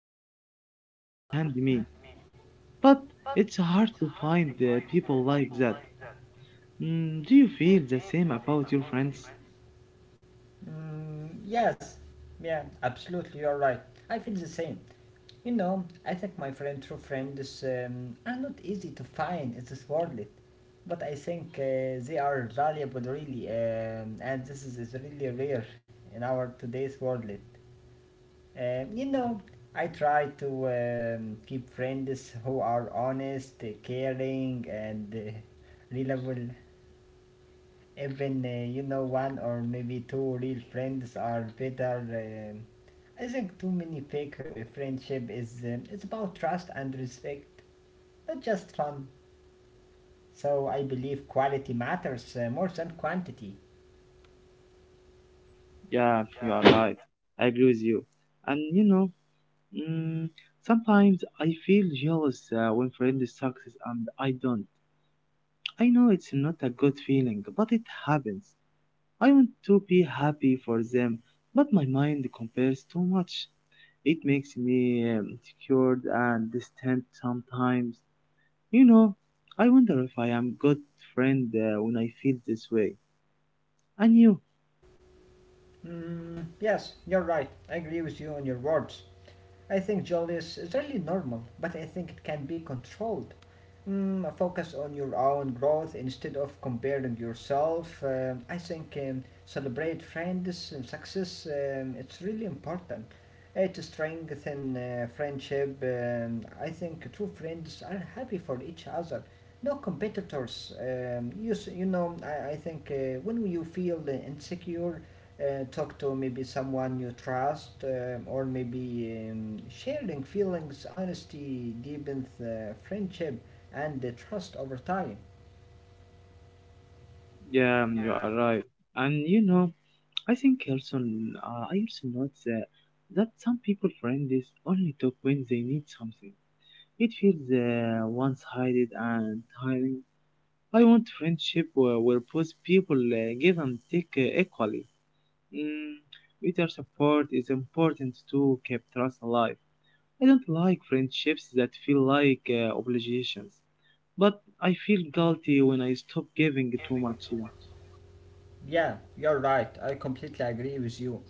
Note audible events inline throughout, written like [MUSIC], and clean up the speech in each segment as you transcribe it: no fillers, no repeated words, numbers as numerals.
support and understand me. But it's hard to find people like that. Mm, do you feel the same about your friends? Yes, yeah, absolutely. You're right. I feel the same. You know, I think my friend, true friends, are not easy to find in this world. But I think they are valuable, really, and this is really rare in our today's world. Um, you know, I try to keep friends who are honest, caring, and reliable. Even one or maybe two real friends are better. Um i think too many fake friendship is, it's about trust and respect, not just fun. So I believe quality matters more than quantity. Yeah, you are right. I agree with you. And you know, Mm, sometimes I feel jealous when friends success and I don't. I know it's not a good feeling, but it happens. I want to be happy for them, but my mind compares too much. It makes me insecure and distant sometimes. You know, I wonder if I am good friend when I feel this way. And you, Yes, you're right, I agree with you on your words. I think Julius is really normal, but I think it can be controlled. Focus on your own growth instead of comparing yourself. I think, celebrate friends and success. It's really important. It strengthens friendship. I think true friends are happy for each other. No competitors. You know, I think when you feel insecure, talk to maybe someone you trust, or maybe, sharing feelings, honesty deepens the friendship and the trust over time. yeah, you are right. And you know, I think also I also note that, some people friends only talk when they need something. It feels one-sided and tiring. I want friendship where both people give and take equally. Mm, mutual support is important to keep trust alive. I don't like friendships that feel like obligations, but I feel guilty when I stop giving too much. Yeah, you're right. I completely agree with you.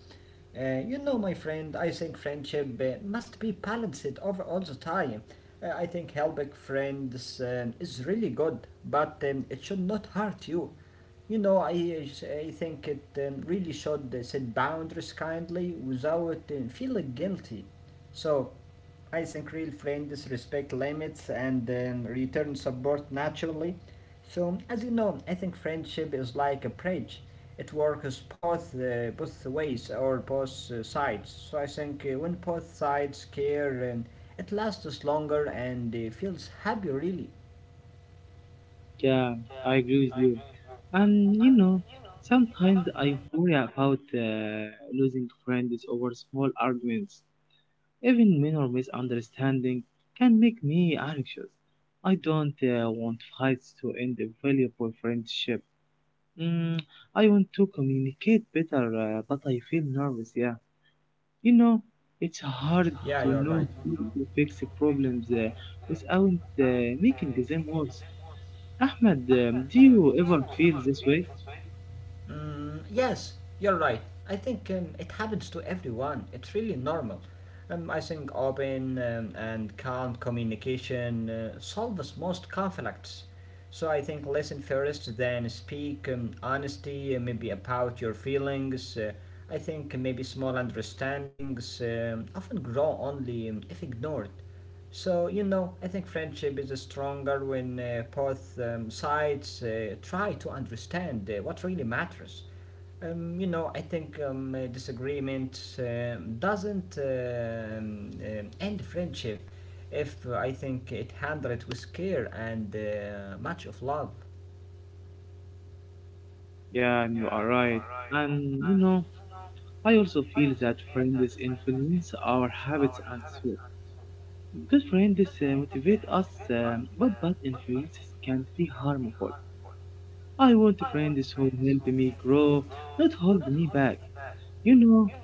You know, my friend, I think friendship must be balanced over all the time. I think helping friends is really good, but it should not hurt you. You know, I think it, really should set boundaries kindly without feeling guilty. So, I think real friends respect limits and, return support naturally. So, as you know, I think friendship is like a bridge. It works both ways or both sides. So I think when both sides care, it lasts longer and feels happy. Really, Yeah, I agree with you. And you know, sometimes I worry about losing friends over small arguments. Even minor misunderstanding can make me anxious. I don't want fights to end a valuable friendship. Mm, I want to communicate better, but I feel nervous. Yeah, you know, it's hard yeah, to you're know right. how to fix the problems without making them worse. Ahmed, do you ever feel this way? Yes, you're right. I think, it happens to everyone. It's really normal. I think open, and calm communication solves most conflicts. So I think listen first, then speak. Honesty, maybe about your feelings. I think maybe small understandings, often grow only, if ignored. So, you know, I think friendship is stronger when, both, sides try to understand what really matters. You know, I think, disagreement doesn't, end friendship if, I think it handled it with care and much of love. Yeah, you are right. And you know, I also feel that friends influence our habits and so. Good friends motivate us, but bad influences can be harmful. I want friends who help me grow, not hold me back. You know,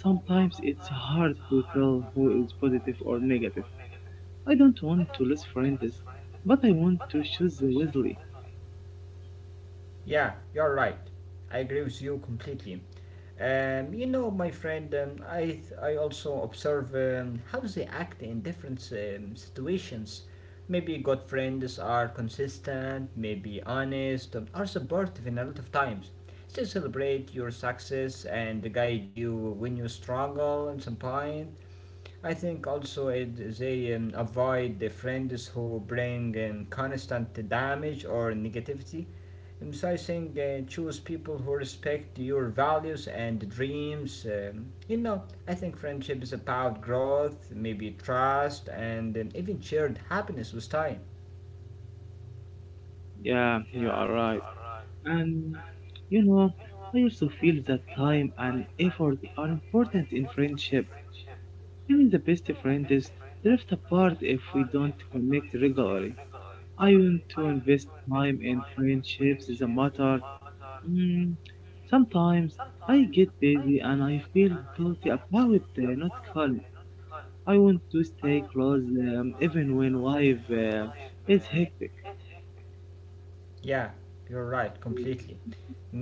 sometimes it's hard to tell who is positive or negative. I don't want to lose friends, but I want to choose wisely. Yeah, you're right. I agree with you completely. You know, my friend, I also observe, how they act in different situations. Maybe good friends are consistent, maybe honest, are supportive in a lot of times. They celebrate your success and guide you when you struggle at some point. I think also it, they, avoid the friends who bring, constant damage or negativity. So I think choose people who respect your values and dreams. You know, I think friendship is about growth, maybe trust, and, even shared happiness with time. Yeah, you are right. And you know, I also feel that time and effort are important in friendship. Even the best friends drift apart if we don't connect regularly. I want to invest time in friendships is a matter. Mm, sometimes I get busy and I feel guilty about it, not calm. I want to stay close even when life is hectic. Yeah, you're right, completely.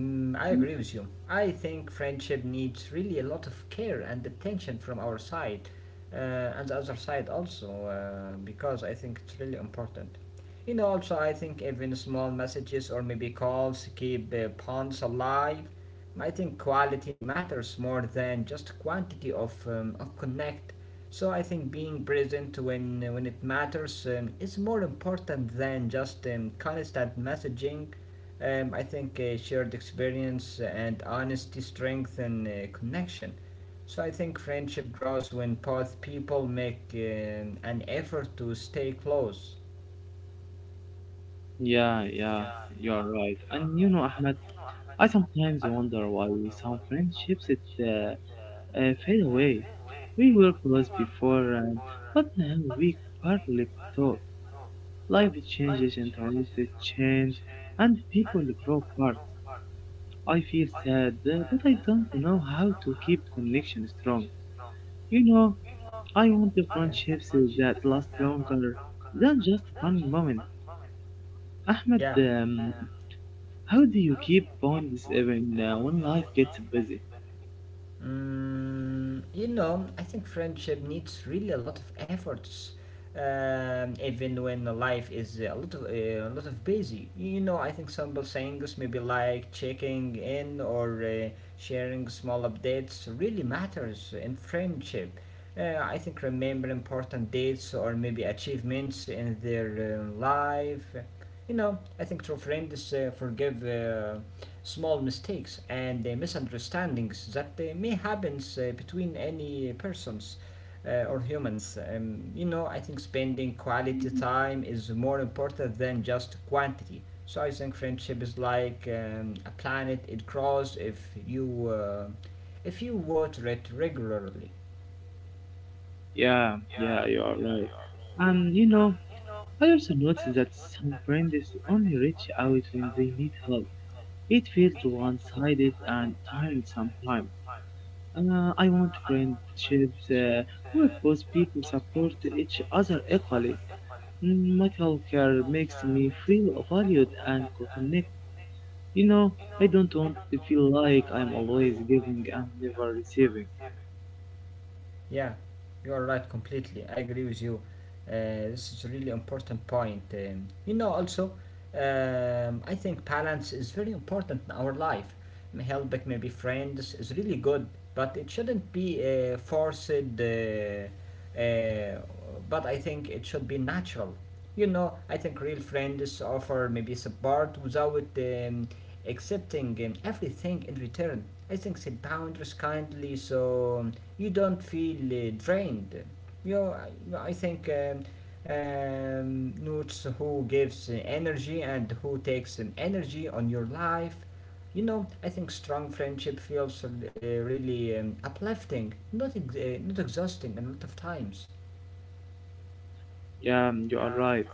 I agree with you. I think friendship needs really a lot of care and attention from our side, uh, and the other side also, because I think it's really important. You know, also, I think even small messages or maybe calls keep bonds alive. I think quality matters more than just quantity of connect. So I think being present when it matters, is more important than just, constant messaging. I think shared experience and honesty strengthen connection. So I think friendship grows when both people make an effort to stay close. Yeah, yeah, you are right. And you know, Ahmed. I sometimes wonder why some friendships fade away. We were close before, but now we hardly talk. Life changes, interests change, and people grow apart. I feel sad, but I don't know how to keep connection strong. You know, I want the friendships that last longer than just one moment. Ahmed, Yeah. How do you keep bonds even when life gets busy? You know, I think friendship needs really a lot of efforts, even when the life is a lot of busy. You know, I think simple things, maybe like checking in or, sharing small updates, really matters in friendship. I think remember important dates or maybe achievements in their life. You know, I think true friends forgive, small mistakes and misunderstandings that may happen between any persons, or humans. You know, I think spending quality time is more important than just quantity. So I think friendship is like, a planet; it grows if you, if you water it regularly. Yeah, yeah, you are right. And you know, I also noticed that some brands only reach out when they need help. It feels one-sided and tiring sometimes. I want friendships where both people support each other equally. Mm, Metal care makes me feel valued and connected. You know, I don't want to feel like I'm always giving and never receiving. Yeah, you are right completely. I agree with you. This is a really important point. You know, also, I think balance is very important in our life. Helping maybe friends is really good, but it shouldn't be, forced. Uh, uh, but I think it should be natural. You know, I think real friends offer maybe support without, accepting, everything in return. I think set boundaries kindly so, you don't feel drained. You, know, I think, notes who gives energy and who takes, energy on your life. You know, I think strong friendship feels really, uplifting, not exhausting a lot of times. Yeah, you are right.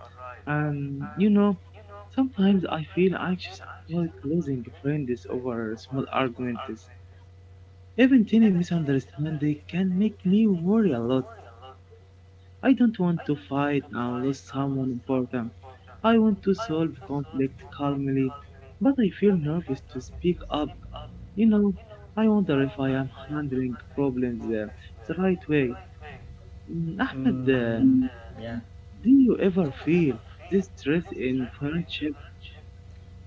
You know, sometimes I feel anxious about losing friends over small arguments. Even tiny misunderstanding can make me worry a lot. I don't want to fight and lose someone important. I want to solve conflict calmly, but I feel nervous to speak up. You know, I wonder if I am handling problems the right way. Mm, Ahmed, Mm, yeah. do you ever feel this stress in friendship?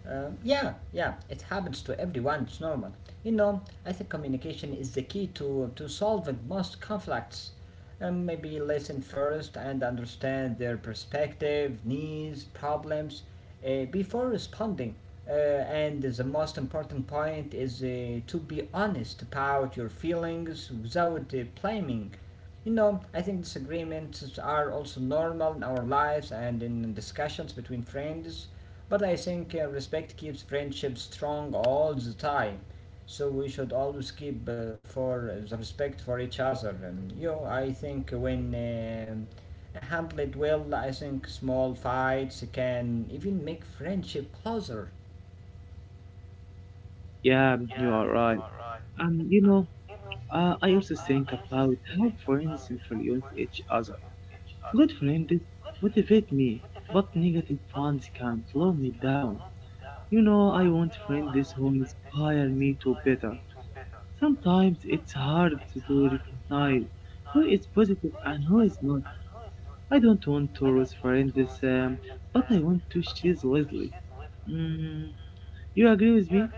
Yeah, yeah, it happens to everyone, it's normal. You know, I think communication is the key to solving most conflicts. And maybe listen first and understand their perspective, needs, problems, before responding. And the most important point is to be honest about your feelings without, blaming. You know, I think disagreements are also normal in our lives and in discussions between friends. But I think respect keeps friendship strong all the time. So we should always keep for the respect for each other. And you know, I think when, handled well, I think small fights can even make friendship closer. Yeah, you are right. And you know, I also think about how friends influence each other. Good friends motivate me, but negative ones can slow me down. You know, I want friends who inspire me to better. Sometimes it's hard to recognize who is positive and who is not. I don't want to lose friends, um, but I want to choose wisely. Mm, you agree with me?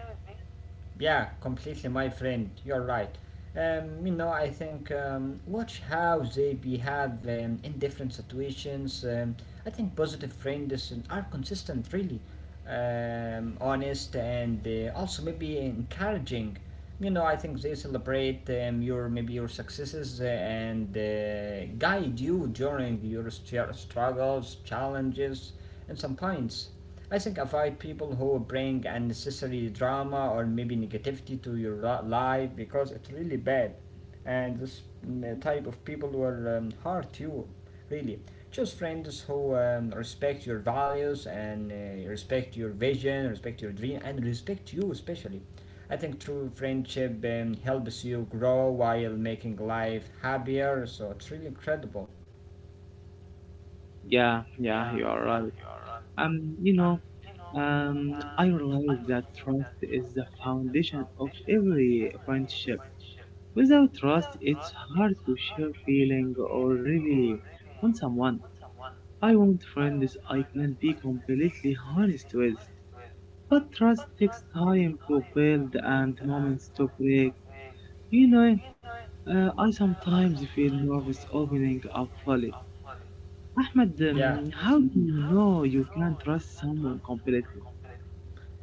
Yeah, completely, my friend. You're right. You know, I think, watch how they behave, in different situations. I think positive friends are consistent, really, honest, and, also maybe encouraging. You know, I think they celebrate, your maybe your successes and guide you during your struggles, challenges, and some points. I think avoid people who bring unnecessary drama or maybe negativity to your life because it's really bad. And this type of people will, hurt you, really. Choose friends who, respect your values and, respect your vision, respect your dream, and respect you especially. I think true friendship, helps you grow while making life happier, so it's really incredible. Yeah, yeah, you are right. You know, I realize that trust is the foundation of every friendship. Without trust, it's hard to share feeling or really want someone. I want friends I can be completely honest with. But trust takes time to build and moments to break. You know, I sometimes feel nervous opening up fully. Ahmed, Yeah. How do you know you can trust someone completely?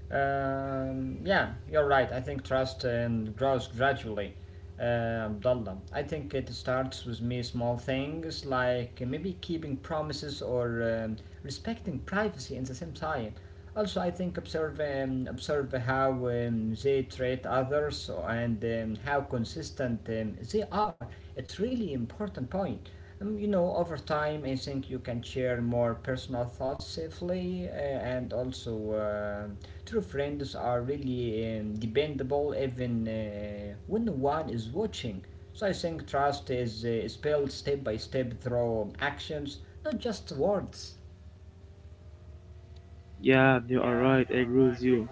Yeah, you're right. I think trust, grows gradually, Abdullah. I think it starts with me small things like maybe keeping promises or, respecting privacy in the same time. Also, I think observe, observe how, they treat others and, how consistent, they are. It's really important point. You know, over time, I think you can share more personal thoughts safely, and also. True friends are really, dependable even, when no one is watching. So I think trust is, is built step by step through actions, not just words. Yeah, you are right. I agree with you.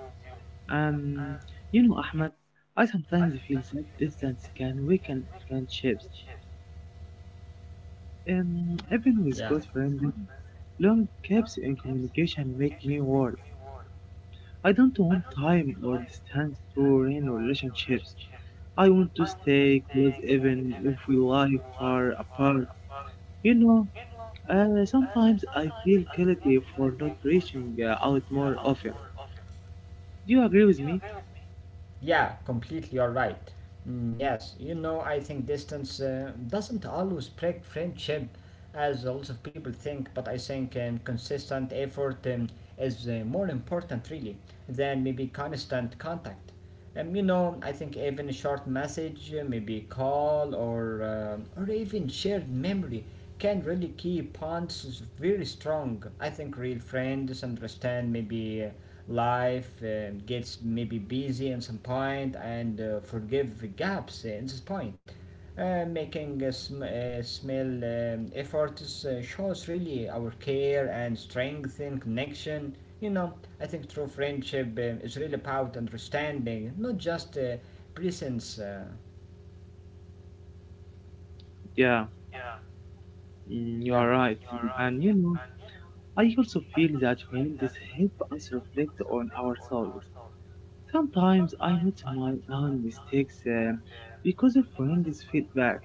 Um, you know, Ahmed, I sometimes feel that distance can weaken friendships. Even with Yeah. good friends, long gaps in communication make me worry. I don't want time or distance to ruin relationships. I want to stay close even if we lie far apart. You know, sometimes I feel guilty for not reaching out more often. Do you agree with me? Yeah, completely, you're right. Yes, you know, I think distance doesn't always break friendship, as a lot of people think, but I think, consistent effort, is more important, really, than maybe constant contact. You know, I think even a short message, maybe call or, or even shared memory can really keep bonds very strong. I think real friends understand maybe, life, gets maybe busy in some point and forgive the gaps in this point. Making a small, efforts shows really our care and strength in connection. You know, I think true friendship, is really about understanding, not just, presence. Yeah, mm, you Yeah. are right. And you know, I also feel that friends help us reflect on ourselves. Sometimes I note my own mistakes because of friends' feedback.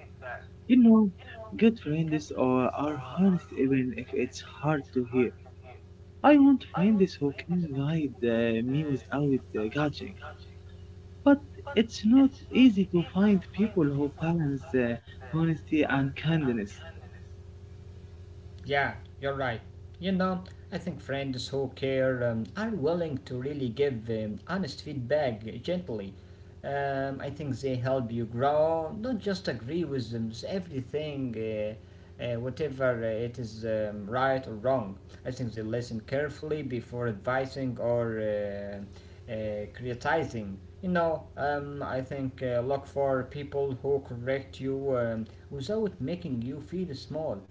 You know, good friends are honest even if it's hard to hear. I want friends who can guide me without judging. But it's not easy to find people who balance honesty and kindness. Yeah, you're right. You know, I think friends who care, are willing to really give, honest feedback gently. I think they help you grow, not just agree with them, everything, whatever it is, right or wrong. I think they listen carefully before advising or, criticizing. You know, I think look for people who correct you, without making you feel small.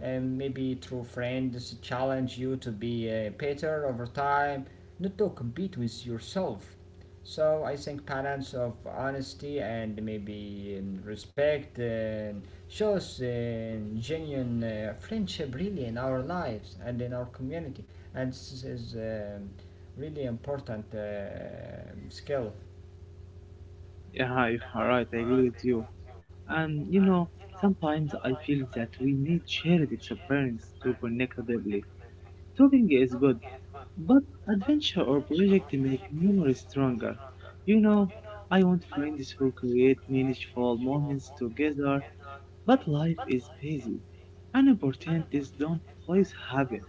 And maybe through friends challenge you to be better over time, not to compete with yourself. So I think balance of honesty and maybe, respect shows genuine friendship really in our lives and in our community, and this is really important skill. Yeah, you're right, I agree with you. And you know, sometimes I feel that we need shared experience to connect deeply. Talking is good, but adventure or project make memories stronger. You know, I want friends who create meaningful moments together, but life is busy and opportunities don't always happen.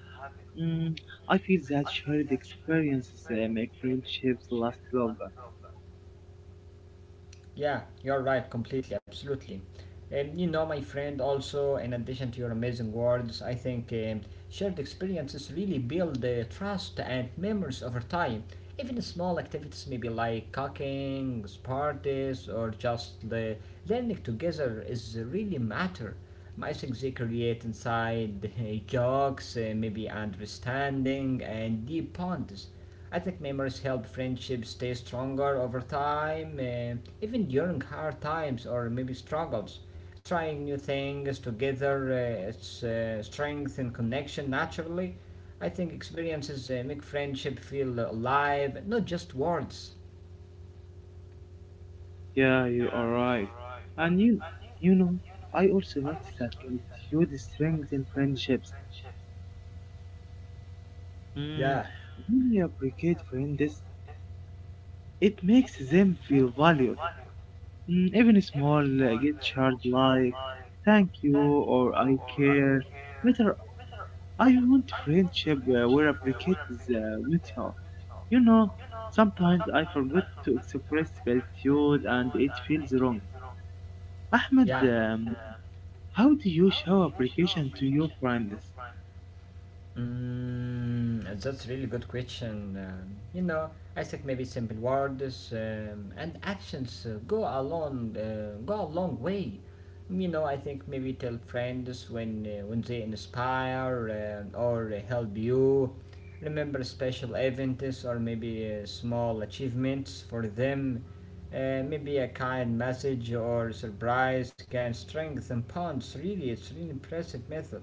Mm, I feel that shared experiences make friendships last longer. Yeah, you're right, completely, absolutely. And you know, my friend, also, in addition to your amazing words, I think, shared experiences really build trust and memories over time. Even small activities, maybe like cooking, parties, or just the learning together, is really matter. I think they create inside [LAUGHS] jokes, maybe understanding, and deep bonds. I think memories help friendships stay stronger over time, even during hard times or maybe struggles. Trying new things together strengthen connection naturally. I think experiences make friendship feel alive, not just words. Yeah, you are right. And you know, I also noticed that gratitude strengthens friendships. Mm, Yeah, when we appreciate friends, it makes them feel valued. Mm, even small gestures like "thank you" or "I care" matter. I want friendship where appreciate is mutual. You know, sometimes I forget to express gratitude, and it feels wrong. yeah. Ahmed, how do you show appreciation to your friends? That's really good question. I think maybe simple words and actions go go a long way. Mm, you know, I think maybe tell friends when they inspire or help you. Remember special events or maybe small achievements for them. Maybe a kind message or surprise can strengthen bonds. Really, it's really impressive method.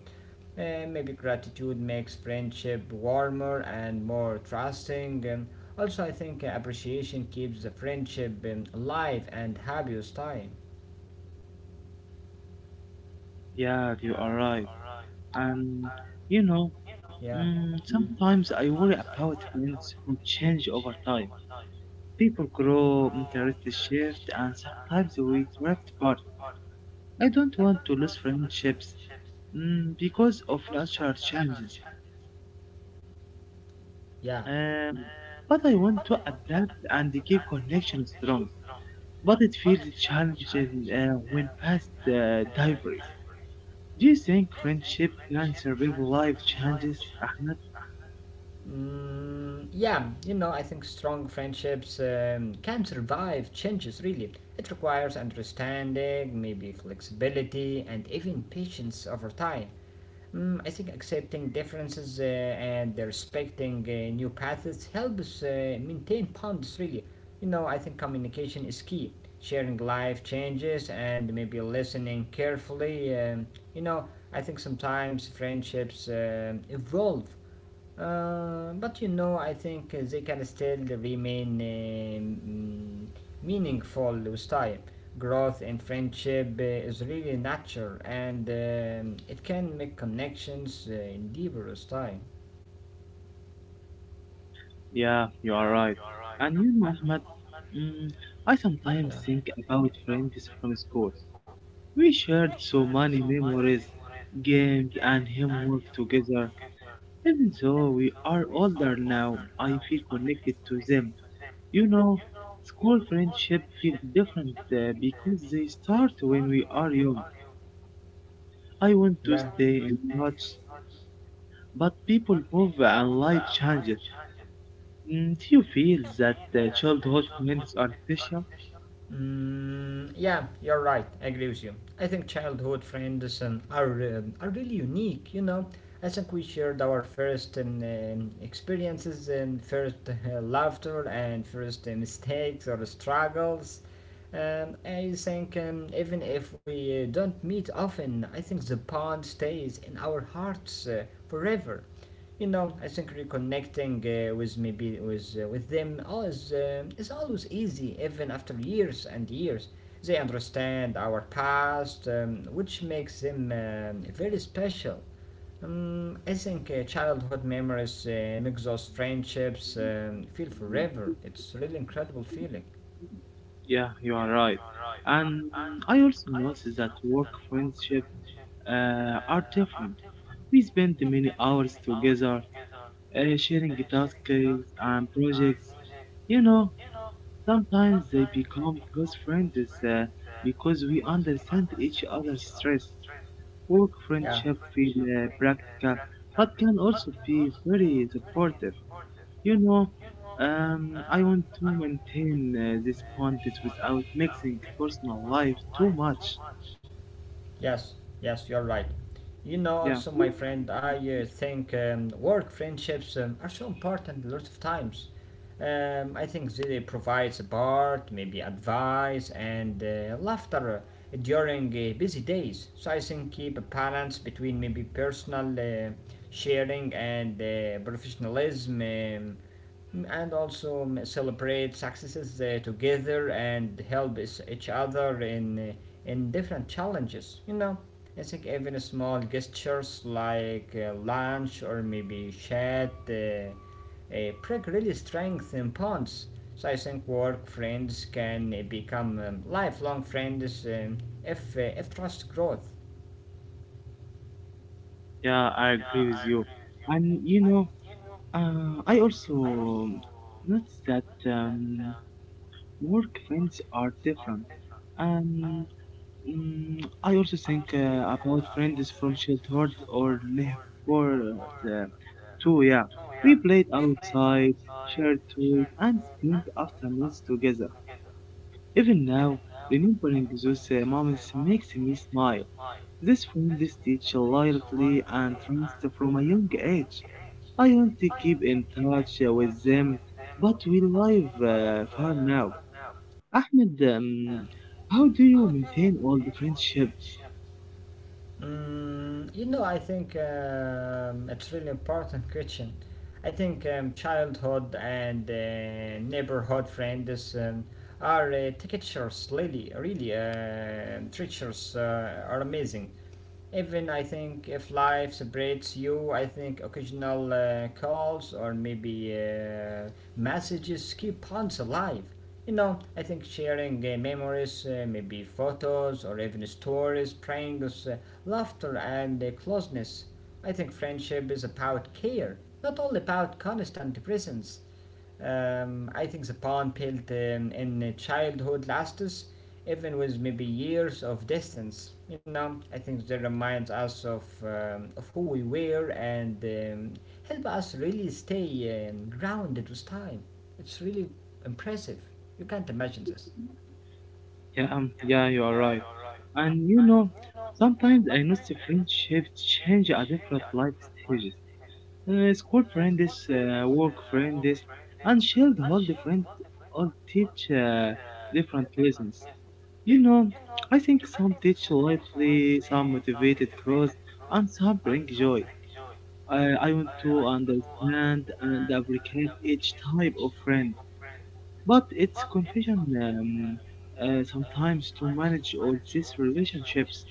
Maybe gratitude makes friendship warmer and more trusting. And also, I think appreciation keeps the friendship alive and happy with time. Yeah, you are right. And you know, Yeah, mm, sometimes I worry about friends who change over time. People grow, interests shift, and sometimes we drift apart. I don't want to lose friendships mm, because of natural changes. yeah. Um, but I want to adapt and keep connection strong. But it feels challenging when past diverse. Do you think friendship can survive life changes, Ahmed? Yeah, you know, I think strong friendships can survive changes, really. It requires understanding, maybe flexibility, and even patience over time. Mm, I think accepting differences and respecting new paths helps maintain bonds. Really, you know, I think communication is key. Sharing life changes and maybe listening carefully. You know, I think sometimes friendships evolve but you know, I think they can still remain meaningful with time. Growth in friendship is really natural and it can make connections deeper with time. Yeah, you are right. And you know, Ahmed, mm, I sometimes think about friends from school. We shared so many memories, games, and homework together. Even though we are older now, I feel connected to them. You know, school friendship feel different because they start when we are young. I want Yeah. to stay in touch, but people move and life changes. Mm, do you feel that childhood friends are special? Yeah, you're right. I agree with you. I think childhood friends are really unique. You know, I think we shared our first experiences and first laughter and first mistakes or struggles. I think even if we don't meet often, I think the bond stays in our hearts forever. You know, I think reconnecting with maybe with them always is always easy, even after years and years. They understand our past, which makes them very special. I think childhood memories make those friendships feel Mm, forever. It's a really incredible feeling. yeah, you are right. And I also noticed that work friendships are different. We spend many hours together, sharing tasks and projects. You know, sometimes they become close friends uh, because we understand each other's stress. Work friendship feel practical, but can also be very supportive. You know, I want to maintain these boundaries without mixing personal life too much. Yes, yes, you're right. You know, Yeah, also, my friend, I think work friendships are so important a lot of times. I think they provide support, maybe advice, and laughter during busy days. So I think keep a balance between maybe personal sharing and professionalism. And also celebrate successes together and help each other in different challenges. You know, I think even small gestures like lunch or maybe chat break really strengthen bonds. So I think work friends can become lifelong friends if trust grows. yeah, I agree with you. And you know, I also notice that work friends are different. Um, I also think about friends from childhood or neighborhood uh, too. Yeah, we played outside, shared toys, and spent afternoons together. Even now, remembering those moments makes me smile. This friend is teach loyalty and trust from a young age. I want to keep in touch with them, but we live far now. Ahmed, how do you maintain all the friendships? You know, I think it's really important question. I think childhood and neighborhood friends are treacherous, really, really treacherous, are amazing. Even I think if life separates you, I think occasional calls or maybe messages keep bonds alive. You know, I think sharing memories, maybe photos or even stories, brings laughter and closeness. I think friendship is about care, not all about constant presence. I think the pond built in childhood lasts, even with maybe years of distance. You know, I think that reminds us of who we were and help us really stay grounded with time. It's really impressive. You can't imagine this. Yeah, yeah, you are right. And you know, sometimes I notice friendships change at different life stages. School friends, work friends, and shared holiday friends all teach different lessons. You know, I think some teach lightly, some motivated cross, and some bring joy. I want to understand and applicate each type of friend, but it's confusion sometimes to manage all these relationships.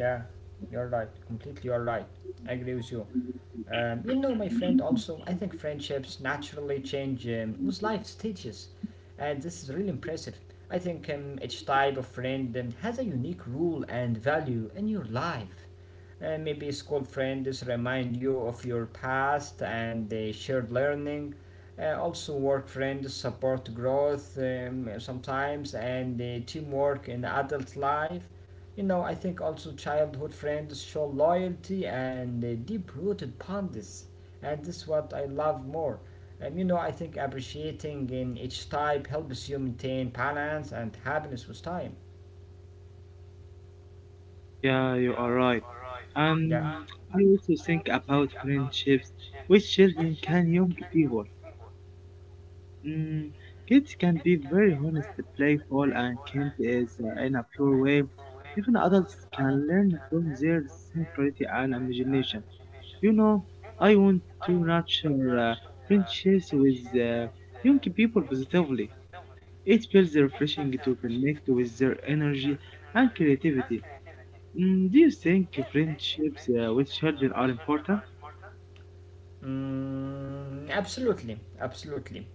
Yeah, you're right. Completely, you're right. I agree with you. You know, my friend, also, I think friendships naturally change with life stages, and this is really impressive. I think each type of friend has a unique role and value in your life, and maybe school friends remind you of your past and shared learning. Also, work friends support growth sometimes and teamwork in adult life. You know, I think also childhood friends show loyalty and deep rooted bonds, and this is what I love more. You know, I think appreciating in each type helps you maintain balance and happiness with time. Yeah, you are right. Yeah. Um, I also think about friendships with children can young people. Mm, kids can be very honest, playful, and kind is in a pure way. Even adults can learn from their sincerity and imagination. You know, I want to nurture friendships with young people positively. It feels refreshing to connect with their energy and creativity. Mm, do you think friendships with children are important? Mm, absolutely, absolutely.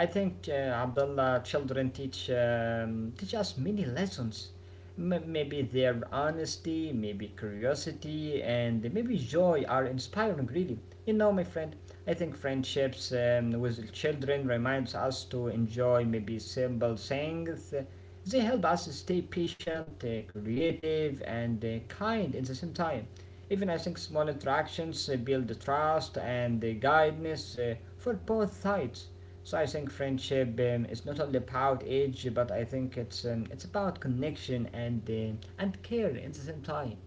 I think Abdullah children teach us many lessons. Maybe their honesty, maybe curiosity, and maybe joy are inspiring. Really, you know, my friend. I think friendships with children reminds us to enjoy maybe simple things. They help us stay patient, creative, and kind at the same time. Even I think small interactions build the trust and the guidance for both sides. So I think friendship is not only about age, but I think it's about connection and care at the same time.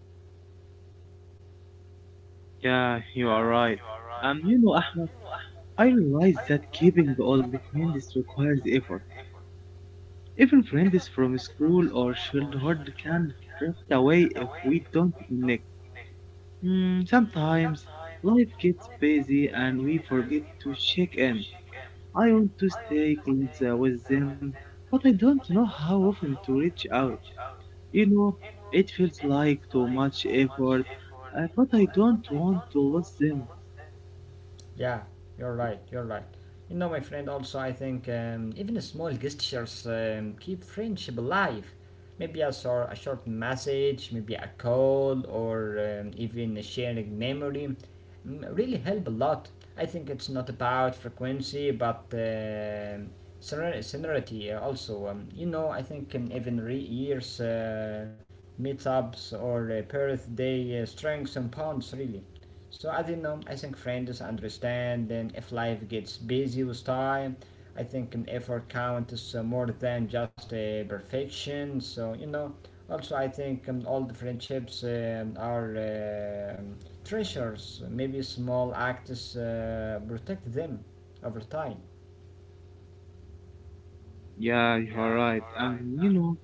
Yeah, you are right. You know, Ahmed, I realize that keeping all the friends requires effort. Even friends from school or childhood can drift away if we don't connect. Mm, sometimes life gets busy and we forget to check in. I want to stay close with them, but I don't know how often to reach out. You know, it feels like too much effort, but I don't want to lose them. Yeah, you're right. You're right. You know, my friend. Also, I think even small gestures keep friendship alive. Maybe a short message, maybe a call, or even a sharing memory mm, really help a lot. I think it's not about frequency, but serenity. Also, you know, I think even years, meetups, or birthday strengths and bonds really. So I don't know. I think friends understand. Then if life gets busy with time, I think an effort counts more than just perfection. So you know, also I think all the friendships are um treasures. Maybe small acts protect them over time. Yeah, you're right. And you know,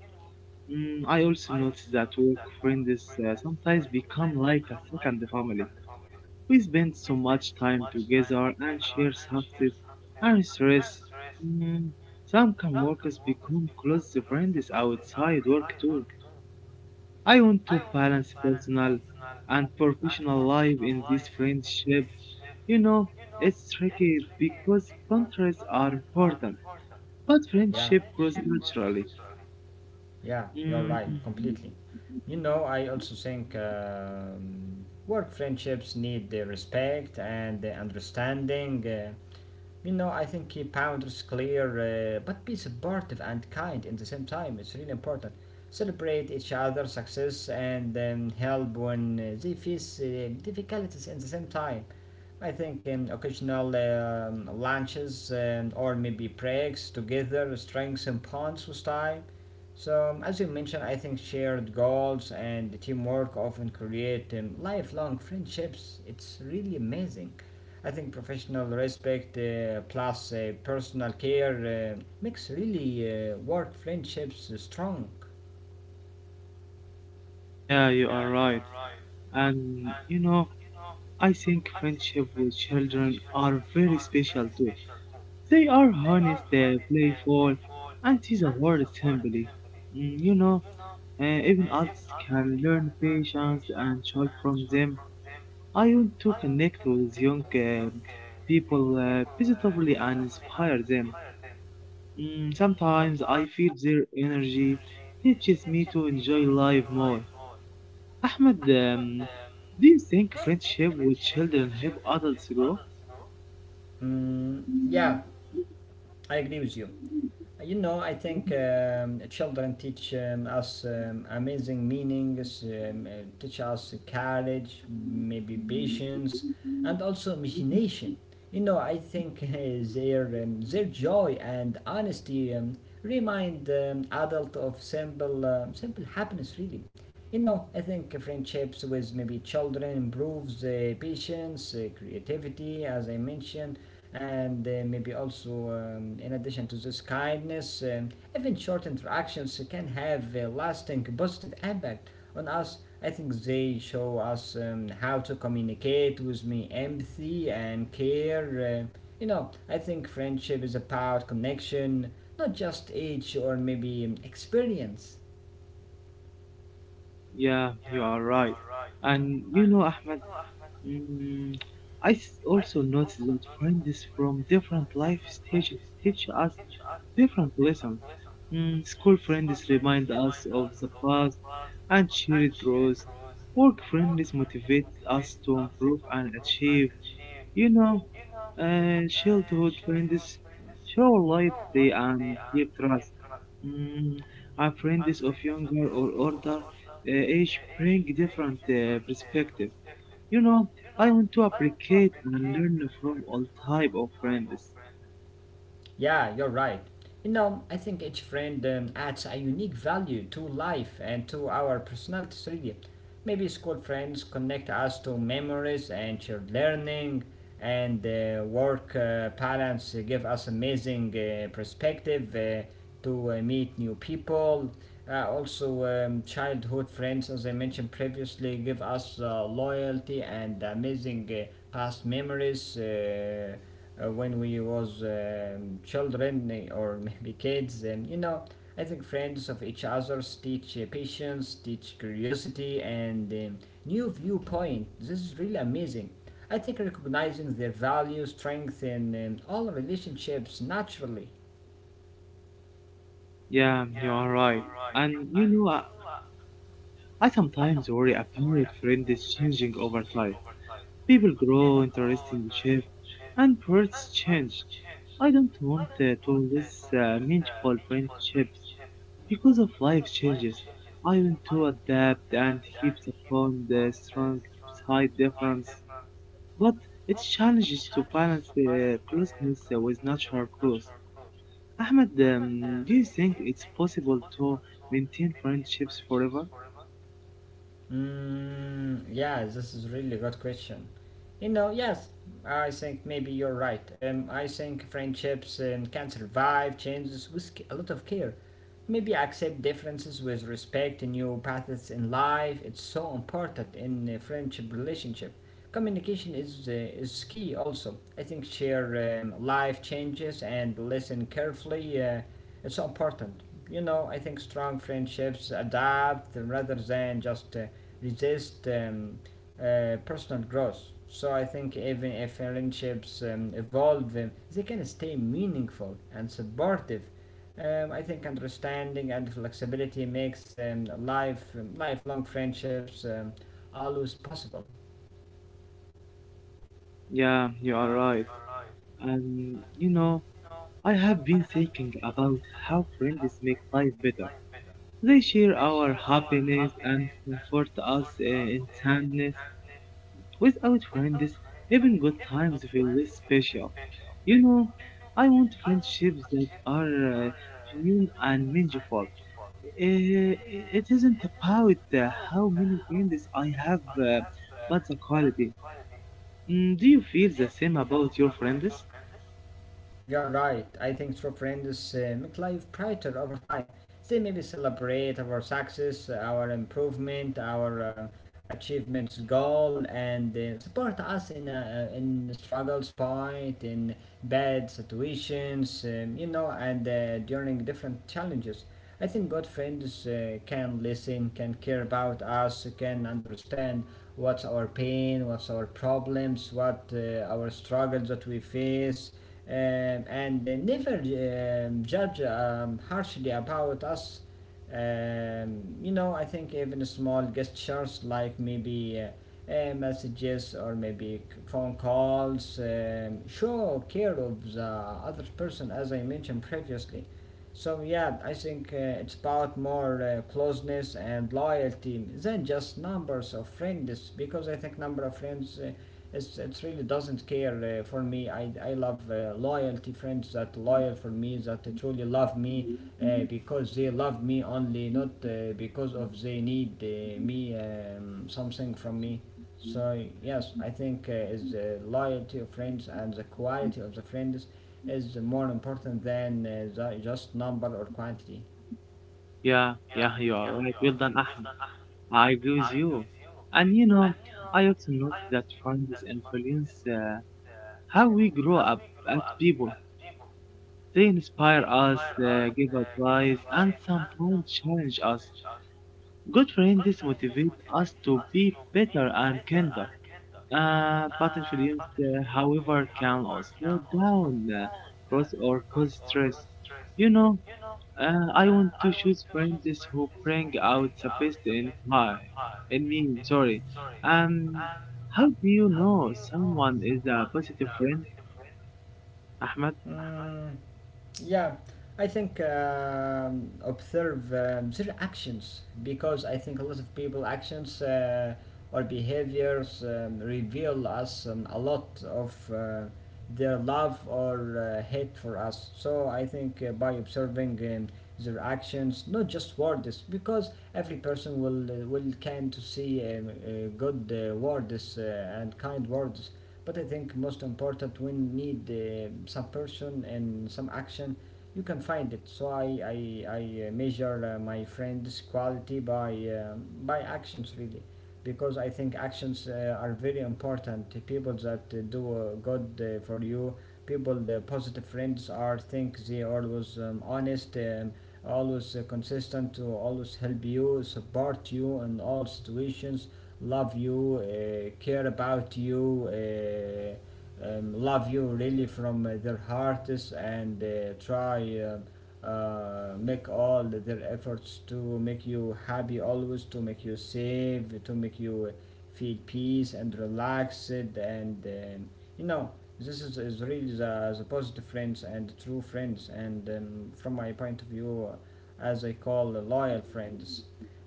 I also noticed that work friends sometimes become like a second family. We spend so much time together and share success and stress. Mm, some co-workers become close friends outside work too. I want to balance personal and professional life in this friendship. You know, it's tricky because boundaries are important, but Yeah, friendship grows naturally. yeah, Mm, you're right, completely. You know, I also think work friendships need the respect and the understanding. You know, I think keep boundaries clear, but be supportive and kind in the same time. It's really important. Celebrate each other's success and help when they face difficulties in the same time. I think occasional lunches or maybe breaks together strengthen bonds with time. So, as you mentioned, I think shared goals and teamwork often create lifelong friendships. It's really amazing. I think professional respect plus personal care makes really work friendships strong. yeah, you are right. And you know, I think friendship with children are very special too. They are honest, they playful, and use a word simply. Mm, you know, even adults can learn patience and joy from them. I want to connect with young people positively and inspire them. Sometimes I feel their energy teaches me to enjoy life more. Ahmed, do you think friendship with children help adults grow? Mm, yeah, I agree with you. You know, I think children teach us amazing meanings, teach us courage, maybe patience, and also imagination. You know, I think [LAUGHS] their joy and honesty remind adult of simple simple happiness. Really, you know, I think friendships with maybe children improves patience, creativity, as I mentioned, and maybe also in addition to this kindness even short interactions can have a lasting positive impact on us. I think they show us how to communicate with me empathy and care. You know, I think friendship is about connection, not just age or maybe experience. Yeah, you are right. And you know, Ahmed, mm, also noticed that friends from different life stages teach us different lessons. School friends remind us of the past and share it grows. Work friends motivate us to improve and achieve. You know, childhood friends show light day and deep trust. Mm, our friends of younger or older age bring different perspective. You know, I want to applicate and learn from all type of friends. Yeah, you're right. You know, I think each friend adds a unique value to life and to our personalities, really. Maybe school friends connect us to memories and shared learning, and work parents give us amazing perspective to meet new people. Also, childhood friends, as I mentioned previously, give us loyalty and amazing past memories. When we was children or maybe kids. And you know, I think friends of each others teach patience, teach curiosity and new viewpoint. This is really amazing. I think recognizing their value strength and all relationships naturally. Yeah, you are right. And you know, I sometimes worry about friends changing over time. People grow, interesting shift, and words change. I don't want to lose meaningful friendships because of life changes. I want to adapt and keep the bond strong despite difference. But it challenges to balance the closeness with natural growth. Ahmed, do you think it's possible to maintain friendships forever? Mm, yeah, this is really good question. You know, yes, I think maybe you're right. I think friendships can survive changes with a lot of care. Maybe accept differences with respect, to new paths in life. It's so important in a friendship relationship. Communication is key also. I think share life changes and listen carefully. It's so important. You know, I think strong friendships adapt rather than just resist personal growth. So I think even if friendships evolve, they can stay meaningful and supportive. I think understanding and flexibility makes lifelong friendships always possible. Yeah, you are right. And you know, I have been thinking about how friends make life better. They share our happiness and comfort us in sadness. Without friends, even good times feel less special. You know, I want friendships that are genuine and meaningful. Uh, it isn't about how many friends I have, but the quality. Do you feel the same about your friends? You're right. I think true friends make life brighter over time. They maybe celebrate our success, our improvement, our achievements goal, and support us in the struggles point, in bad situations, you know, and during different challenges. I think good friends can listen, can care about us, can understand what's our pain, what's our problems, what our struggles that we face and never judge harshly about us. You know, I think even small gestures like maybe messages or maybe phone calls show care of the other person, as I mentioned previously. So yeah, I think it's about more closeness and loyalty than just numbers of friends, because I think number of friends it really doesn't care for me. I love loyalty friends that loyal for me, that truly love me because they love me only, not because of they need me something from me. So yes, I think is the loyalty of friends and the quality of the friends is more important than the just number or quantity. Yeah, yeah, you are right. Well done, Ahmed. I agree with you. And you know, I also noticed that friends influence how we grow up as people. They inspire us, give advice, and sometimes challenge us. Good friends motivate us to be better and kinder. But influence, however, can slow down growth or cause stress. You know, I want to choose friends who bring out the best in my, in me. Sorry. Um, how do you know someone is a positive friend, Ahmed? Mm, yeah, I think observe their actions, because I think a lot of people actions or behaviors reveal us a lot of their love or hate for us. So I think by observing their actions, not just words, because every person will can to see good words and kind words, but I think most important when need some person and some action, you can find it. So I measure my friend's quality by actions really, because I think actions are very important. The people that do good for you, people the positive friends are think they always honest. Always consistent to always help you, support you in all situations, love you, care about you, love you really from their hearts, and try make all their efforts to make you happy always, to make you safe, to make you feel peace and relaxed, and um, you know this is really the positive friends and true friends, and from my point of view, as I call loyal friends.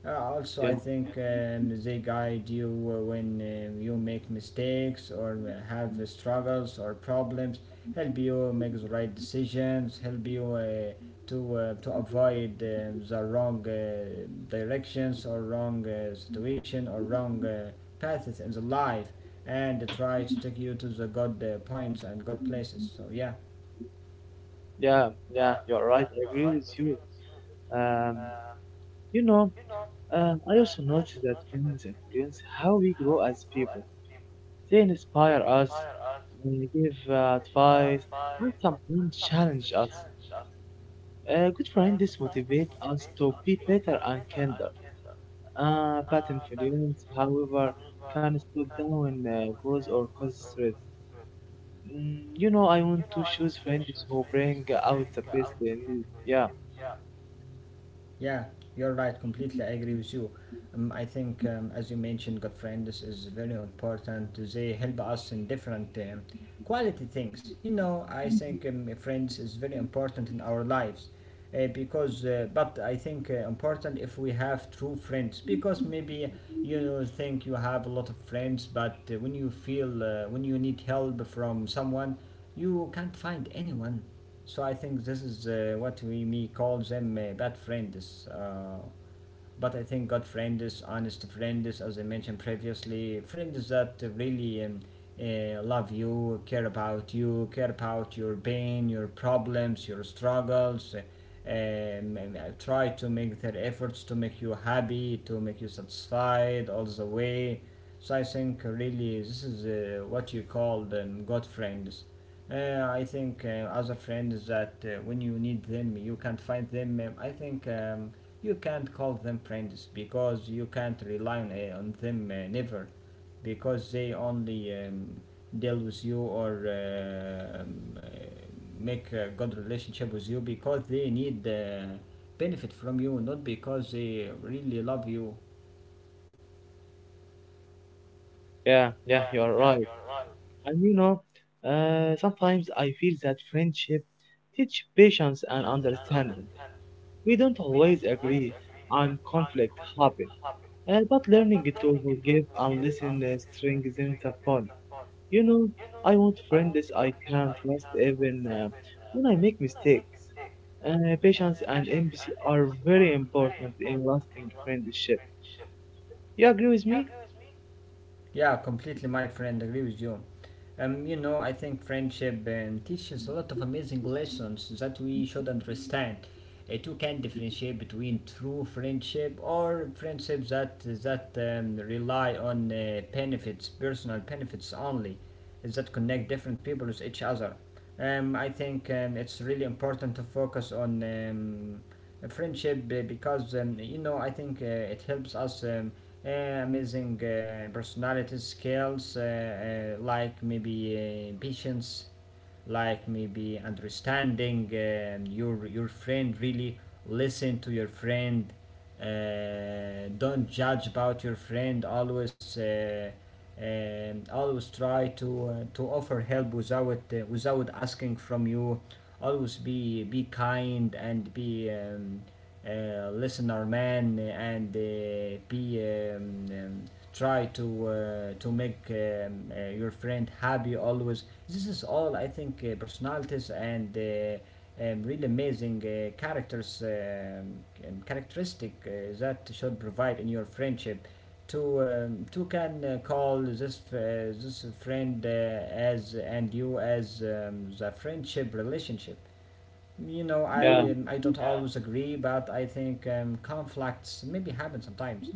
Also, Yeah, I think they guide you when you make mistakes or have struggles or problems, help you make the right decisions, help you to avoid the wrong directions or wrong situation or wrong paths in the life, and try to take you to the good points and good places. So, yeah. yeah, yeah, you're right. I agree with you. Um, you know, I also noticed that friends influence how we grow as people. They inspire us, and give advice, and sometimes challenge us. A good friend is motivate us to be better and kinder. Patent infringements, however, can slow down growth or cause stress. You know, I want to choose friends who bring out the best in me. Yeah, Yeah, you're right. Completely, I agree with you. I think, as you mentioned, good friends is very important. They help us in different quality things. You know, I think friends is very important in our lives, because. But I think important if we have true friends, because maybe you know think you have a lot of friends, but when you feel when you need help from someone, you can't find anyone. So I think this is what we may call them bad friends. But I think good friend is honest friend is, as I mentioned previously, friends that really love you, care about your pain, your problems, your struggles. Um, Try to make their efforts to make you happy, to make you satisfied all the way. So I think really this is what you call them good friends. I think other friends that when you need them you can't find them. I think you can't call them friends because you can't rely on them never, because they only deal with you or make a good relationship with you because they need benefit from you, not because they really love you. yeah, yeah, you are right. And you know, sometimes I feel that friendship teach patience and understanding. We don't always agree, and conflict happen. But learning to forgive and listen strengthens the bond. You know, I want friends I can trust even when I make mistakes. Patience and empathy are very important in lasting friendship. You agree with me? Yeah, completely, my friend. Agree with you. You know, I think friendship teaches a lot of amazing lessons that we should understand. It, you can differentiate between true friendship or friendships that rely on benefits, personal benefits only, that connect different people with each other. I think it's really important to focus on friendship because you know I think it helps us. Amazing personality skills like maybe patience, like maybe understanding your friend really, listen to your friend, don't judge about your friend always and always try to offer help without without asking from you, always be kind and be listener man and be try to make your friend happy always. This is all I think personalities and really amazing characters, characteristic that should provide in your friendship to can call this this friend as, and you as the friendship relationship. You know, Yeah, I don't always agree, but I think conflicts maybe happen sometimes.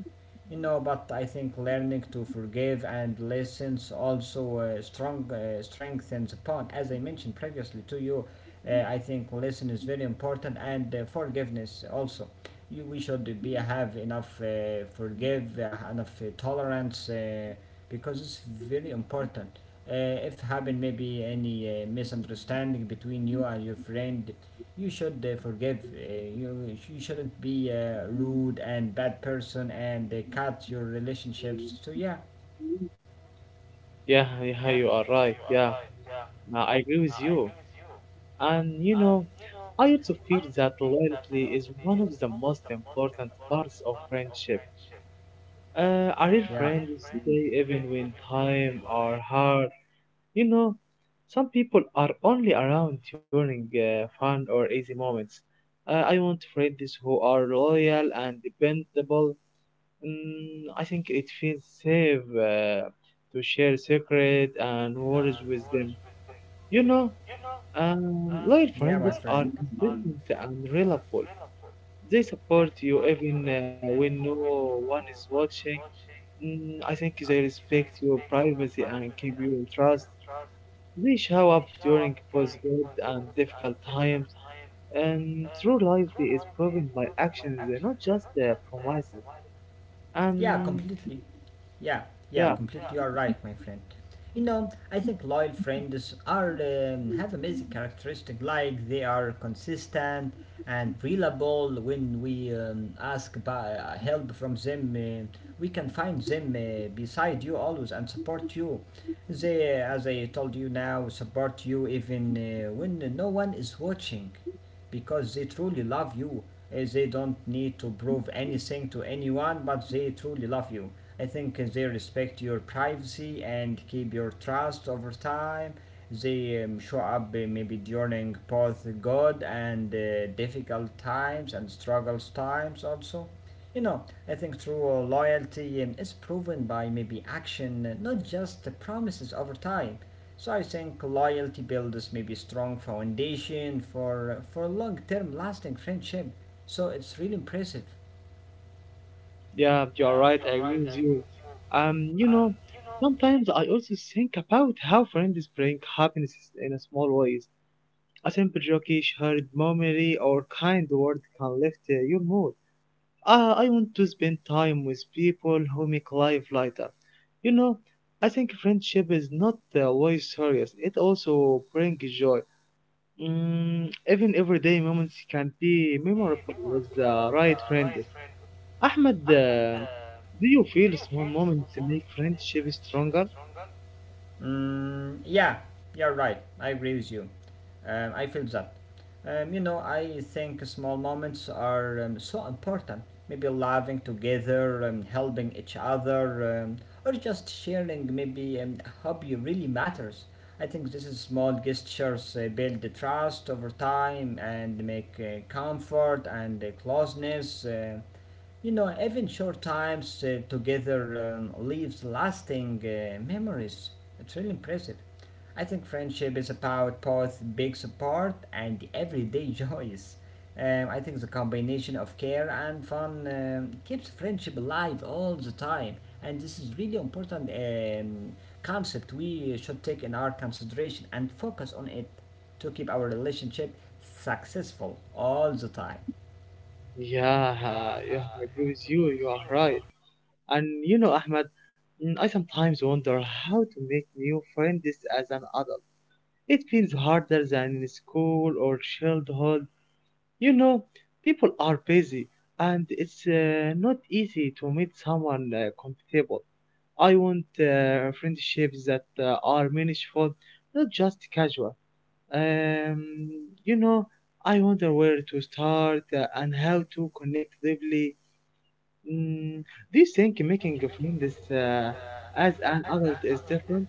You know, but I think learning to forgive and listen also strong strengthens upon. As I mentioned previously to you, I think listen is very important, and forgiveness also. You, we should be have enough forgive enough tolerance, because it's very important. If happen maybe any misunderstanding between you and your friend, you should forgive. You, you shouldn't be a rude and bad person and cut your relationships. So yeah, yeah, yeah, you are right. Yeah, now, I agree with you. And you know, I also feel that loyalty is one of the most important parts of friendship. A real yeah, friend is there even when time are hard. You know, some people are only around during fun or easy moments. I want friends who are loyal and dependable. I think it feels safe to share secrets and worries with them. You know, loyal yeah, my friends friend. are consistent and reliable. They support you even when no one is watching. I think they respect your privacy and keep your trust. They show up during both good and difficult times, and through life they is proven by actions, they're not just their promises. Yeah, Um, completely. Yeah, yeah, yeah, completely. You are right, my friend. You know, I think loyal friends are have amazing characteristic, like they are consistent and reliable. When we ask by, help from them, we can find them beside you always and support you. They, as I told you now, support you even when no one is watching, because they truly love you. They don't need to prove anything to anyone, but they truly love you. I think they respect your privacy and keep your trust over time. They show up maybe during both good and difficult times and struggles times also. You know, I think true loyalty is proven by maybe action, not just the promises over time. So I think loyalty builds maybe strong foundation for long-term lasting friendship. So it's really impressive. yeah, you're right. I agree with you. You know, sometimes I also think about how friends bring happiness in a small ways. A simple joke, shared memory, or kind word can lift your mood. I want to spend time with people who make life lighter. You know, I think friendship is not always serious. It also brings joy. Even everyday moments can be memorable with the right friend. Ahmed, do you feel small moments make friendship stronger? Mm, yeah, you're right. I agree with you. I feel that. You know, I think small moments are so important. Maybe laughing together, helping each other, or just sharing maybe a hobby really matters. I think this is small gestures build the trust over time and make comfort and closeness. You know, even short times together leaves lasting memories. It's really impressive. I think friendship is about both big support and everyday [LAUGHS] joys. I think the combination of care and fun keeps friendship alive all the time, and this is really important concept we should take in our consideration and focus on it to keep our relationship successful all the time. Yeah, yeah, I agree with you. You are right. And you know, Ahmed, I sometimes wonder how to make new friends as an adult. It feels harder than in school or childhood. You know, people are busy and it's not easy to meet someone compatible. I want friendships that are meaningful, not just casual. Um, you know, I wonder where to start and how to connect deeply. Mm, do you think making friends as an adult is different?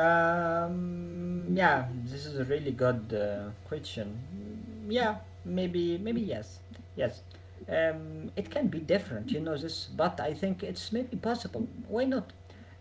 Yeah, this is a really good question. Mm, yeah, maybe, maybe yes, yes. It can be different, you know this, but I think it's maybe possible. Why not?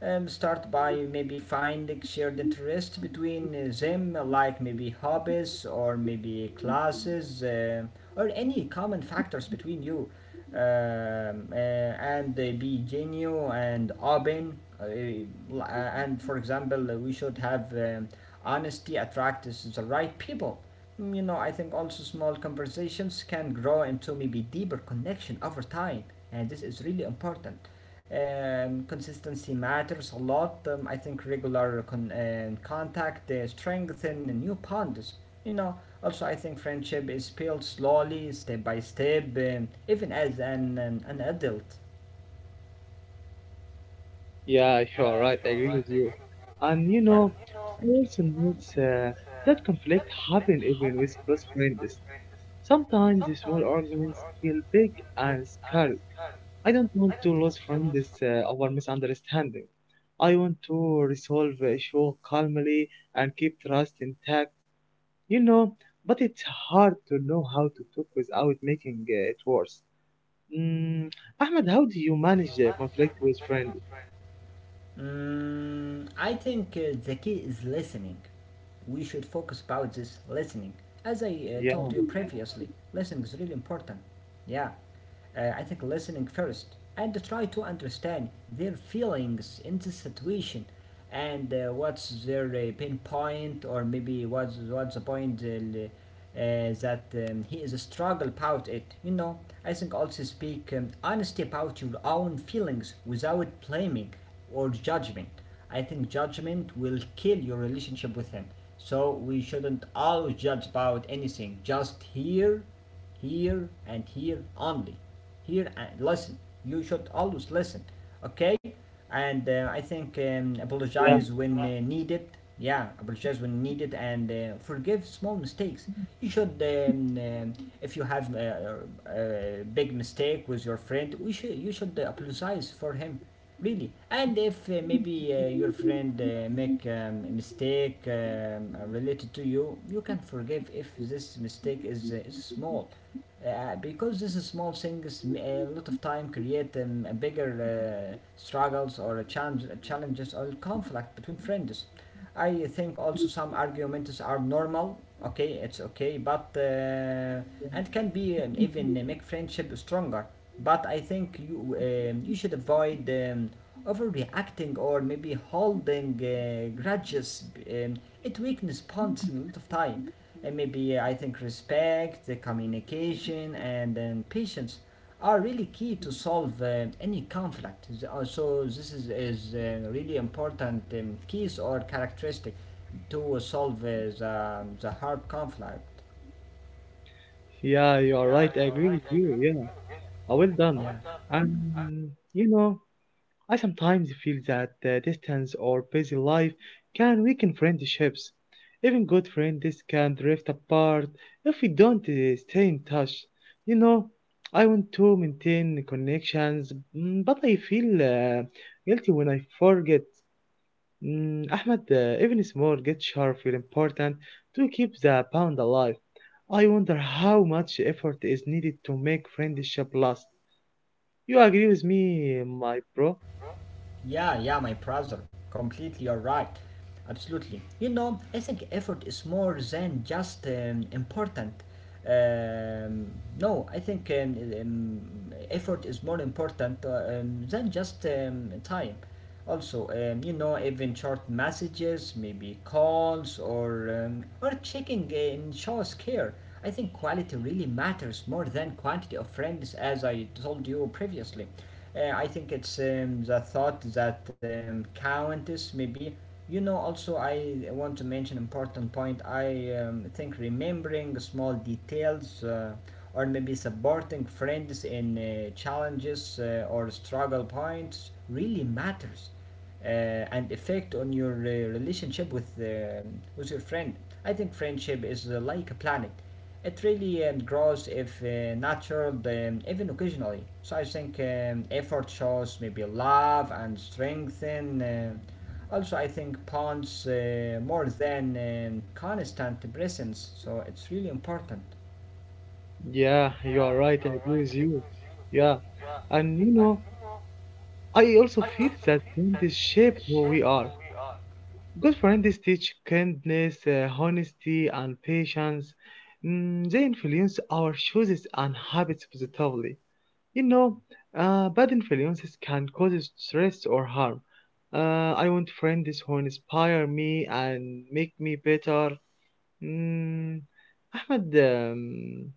Start by maybe finding shared interest between them, like maybe hobbies or maybe classes or any common factors between you, and be genuine and open. Uh, and for example, we should have honesty attracts the right people. Mm, you know, I think also small conversations can grow into maybe deeper connection over time, and this is really important. Consistency matters a lot. I think regular contact strengthen new bonds. You know, also I think friendship is built slowly, step by step, even as an adult. Yeah, [LAUGHS] you're right. I agree with you. And you Yeah. know, I also notice that conflict happen even with close friends. Sometimes the small arguments feel big and scary. I don't want to lose friends over misunderstanding. I want to resolve the issue calmly and keep trust intact, you know, but it's hard to know how to talk without making it worse. Mm, Ahmed, how do you manage conflict with friends? Mm, I think the key is listening. We should focus about this listening. As I Yeah, told you previously, listening is really important. Yeah. I think listening first and try to understand their feelings in the situation, and what's their pain point, or maybe what's the point that he is a struggle about it. You know, I think also speak honesty about your own feelings without blaming or judgment. I think judgment will kill your relationship with him. So we shouldn't always judge about anything. Just hear, here and here only. Here and listen. You should always listen, okay? And I think yeah. apologize when needed. Yeah, apologize when needed, and forgive small mistakes. You should, if you have a big mistake with your friend, we should you should apologize for him. Really. And if maybe your friend make mistake related to you, you can forgive if this mistake is small. Because this small things a lot of time create a bigger struggles or a challenge, challenges or conflict between friends. I think also some arguments are normal. Okay, it's okay, but and can be even make friendship stronger. But I think you should avoid overreacting or maybe holding grudges. It weakens bonds in a lot of time. And maybe I think respect, the communication, and then patience are really key to solve any conflict. So this is really important keys or characteristic to solve the hard conflict. Yeah, you are right. I agree with you. Yeah, well done. And you know, I sometimes feel that distance or busy life can weaken friendships. Even good friends can drift apart if we don't stay in touch. You know, I want to maintain connections, mm, but I feel guilty when I forget. Ahmed, even small gestures feel important to keep the pound alive. I wonder how much effort is needed to make friendship last. You agree with me, my bro? Yeah, yeah, my brother, completely you're right. Absolutely. You know, I think effort is more than just important. Um, no, I think effort is more important than just time. Also, you know, even short messages, maybe calls, or or checking in shows care. I think quality really matters more than quantity of friends, as I told you previously. I think it's the thought that counts, maybe. You know, also I want to mention important point. I think remembering small details. Or maybe supporting friends in challenges or struggle points really matters and effect on your relationship with with your friend. I think friendship is like a planet. It really grows if nurtured even occasionally. So I think effort shows maybe love and strengthen. Also, I think bonds more than constant presence. So it's really important. Yeah, you are right. I agree with you. Yeah, and you know, I also feel that friends shape who we are. Good friends teach kindness, honesty, and patience. They influence our choices and habits positively. You know, bad influences can cause stress or harm. I want friends who inspire me and make me better. Mm, Ahmed,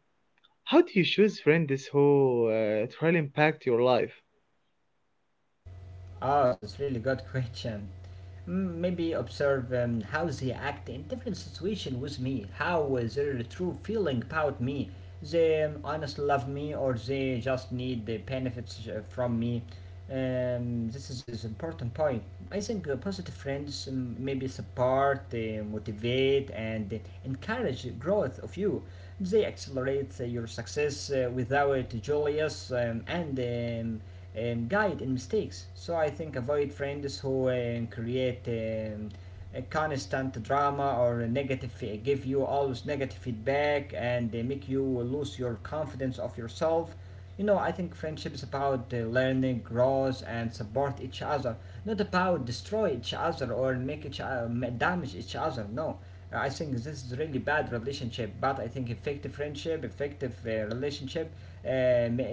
how do you choose friends who truly impact your life? Oh, that's really good question. Mm, maybe observe how they act in different situations with me. How is their true feeling about me? They honestly love me, or they just need the benefits from me. This is important point. I think positive friends maybe support, motivate, and encourage the growth of you. They accelerate your success without jealous and guide in mistakes. So I think avoid friends who create a constant drama or a negative, give you always negative feedback and they make you lose your confidence of yourself. You know, I think friendship is about learning, growth, and support each other, not about destroy each other or make each other damage each other. No, I think this is really bad relationship, but I think effective friendship, effective relationship, uh, m- uh,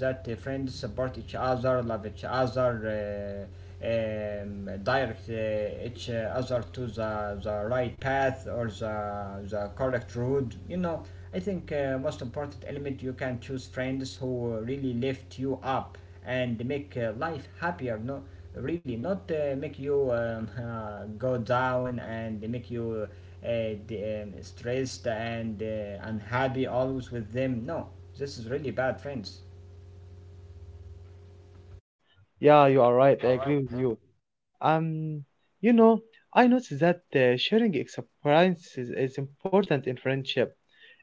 that friends support each other, love each other, direct each other to the right path or the correct road. You know, I think most important element you can choose friends who really lift you up and make life happier. No, really, not make you [LAUGHS] go down and make you uh, stressed and unhappy always with them. No, this is really bad, friends. Yeah, you are right. I agree with you. Um, you know, I noticed that sharing experiences is important in friendship.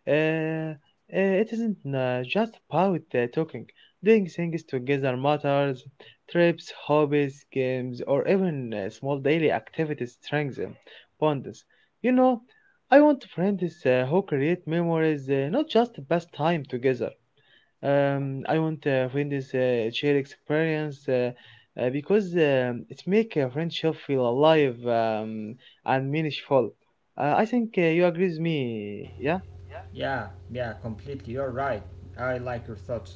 Uh, uh, it isn't just about talking. Doing things together matters. Trips, hobbies, games, or even small daily activities strengthen bonds. You know, I want friends who create memories, not just past time together. I want friends share experience because it make a friendship feel alive and meaningful. I think you agree with me, yeah? Yeah, yeah, completely. You're right. I like your thoughts.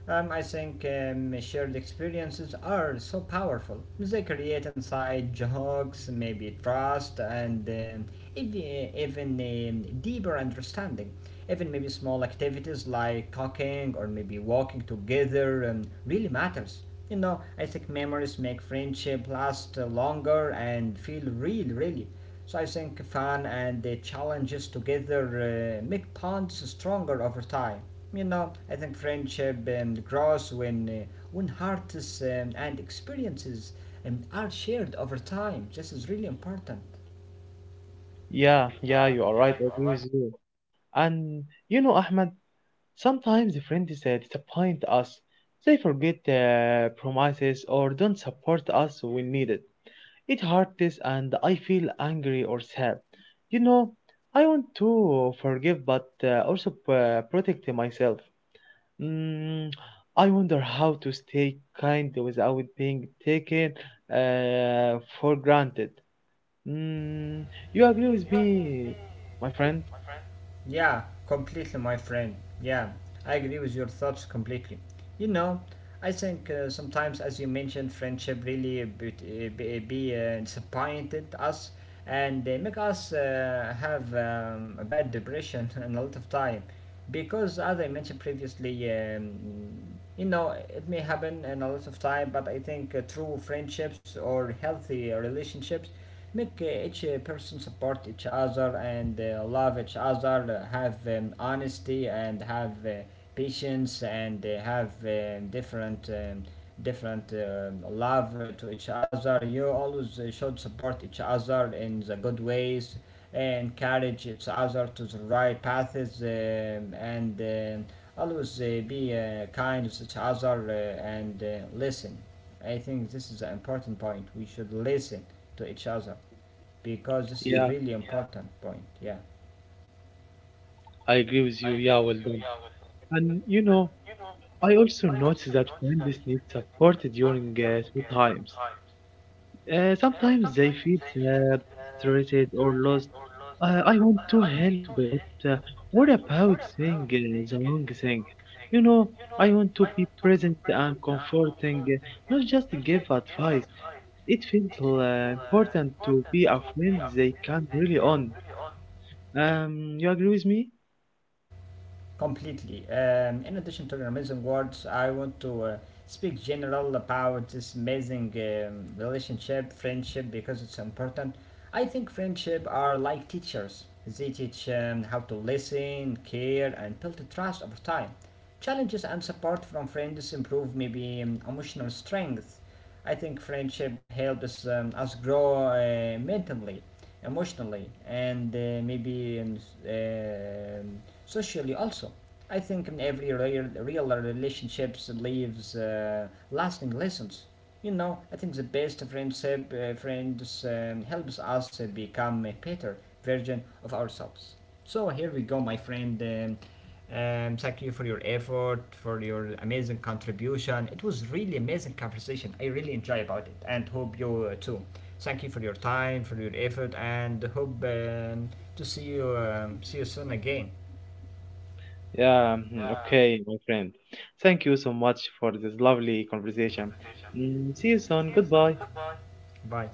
I think shared experiences are so powerful. They create inside jokes, maybe trust, and even deeper understanding. Even maybe small activities like cooking or maybe walking together really matters. You know, I think memories make friendship last longer and feel real, really. So I think fun and the challenges together make bonds stronger over time. You know, I think friendship grows when when hearts and experiences are shared over time. This is really important. Yeah, yeah, you are right. I agree with you. And you know, Ahmed, sometimes the friends disappoint us. They forget promises or don't support us when needed. It hurts and I feel angry or sad. You know, I want to forgive but also protect myself. Mm, I wonder how to stay kind without being taken for granted. Mm, you agree with me, my friend? Yeah, completely, my friend. Yeah, I agree with your thoughts completely. You know, I think sometimes, as you mentioned, friendship really be disappointed us and they make us have a bad depression [LAUGHS] and a lot of time because, as I mentioned previously, you know, it may happen in a lot of time, but I think true friendships or healthy relationships make each person support each other and love each other, have honesty and have patience and have different love to each other. You always should support each other in the good ways, encourage each other to the right paths, and always be kind to each other and listen. I think this is an important point. We should listen to each other because this is Yeah, really important point. Yeah. I agree with you. Yeah, well done. And you know, I also noticed that friends need support during tough times. Sometimes they feel sad, stressed or lost. I want to help, but what about saying the wrong thing? You know, I want to be present and comforting, not just give advice. It feels important to be a friend they can really on. You agree with me? Completely. In addition to your amazing words, I want to speak general about this amazing relationship, friendship, because it's important. I think friendship are like teachers. They teach how to listen, care, and build trust over time. Challenges and support from friends improve maybe emotional strength. I think friendship helps us grow mentally emotionally and maybe um, socially also. I think in every real relationships leaves lasting lessons. You know, I think the best friendship friends helps us become better version of ourselves. So here we go, my friend. Thank you for your effort, for your amazing contribution. It was really amazing conversation. I really enjoy about it, and hope you too. Thank you for your time, for your effort, and hope to see you see you soon again. Yeah, mhm, okay, my friend. Thank you so much for this lovely conversation. Mm, see you soon. Goodbye. Bye.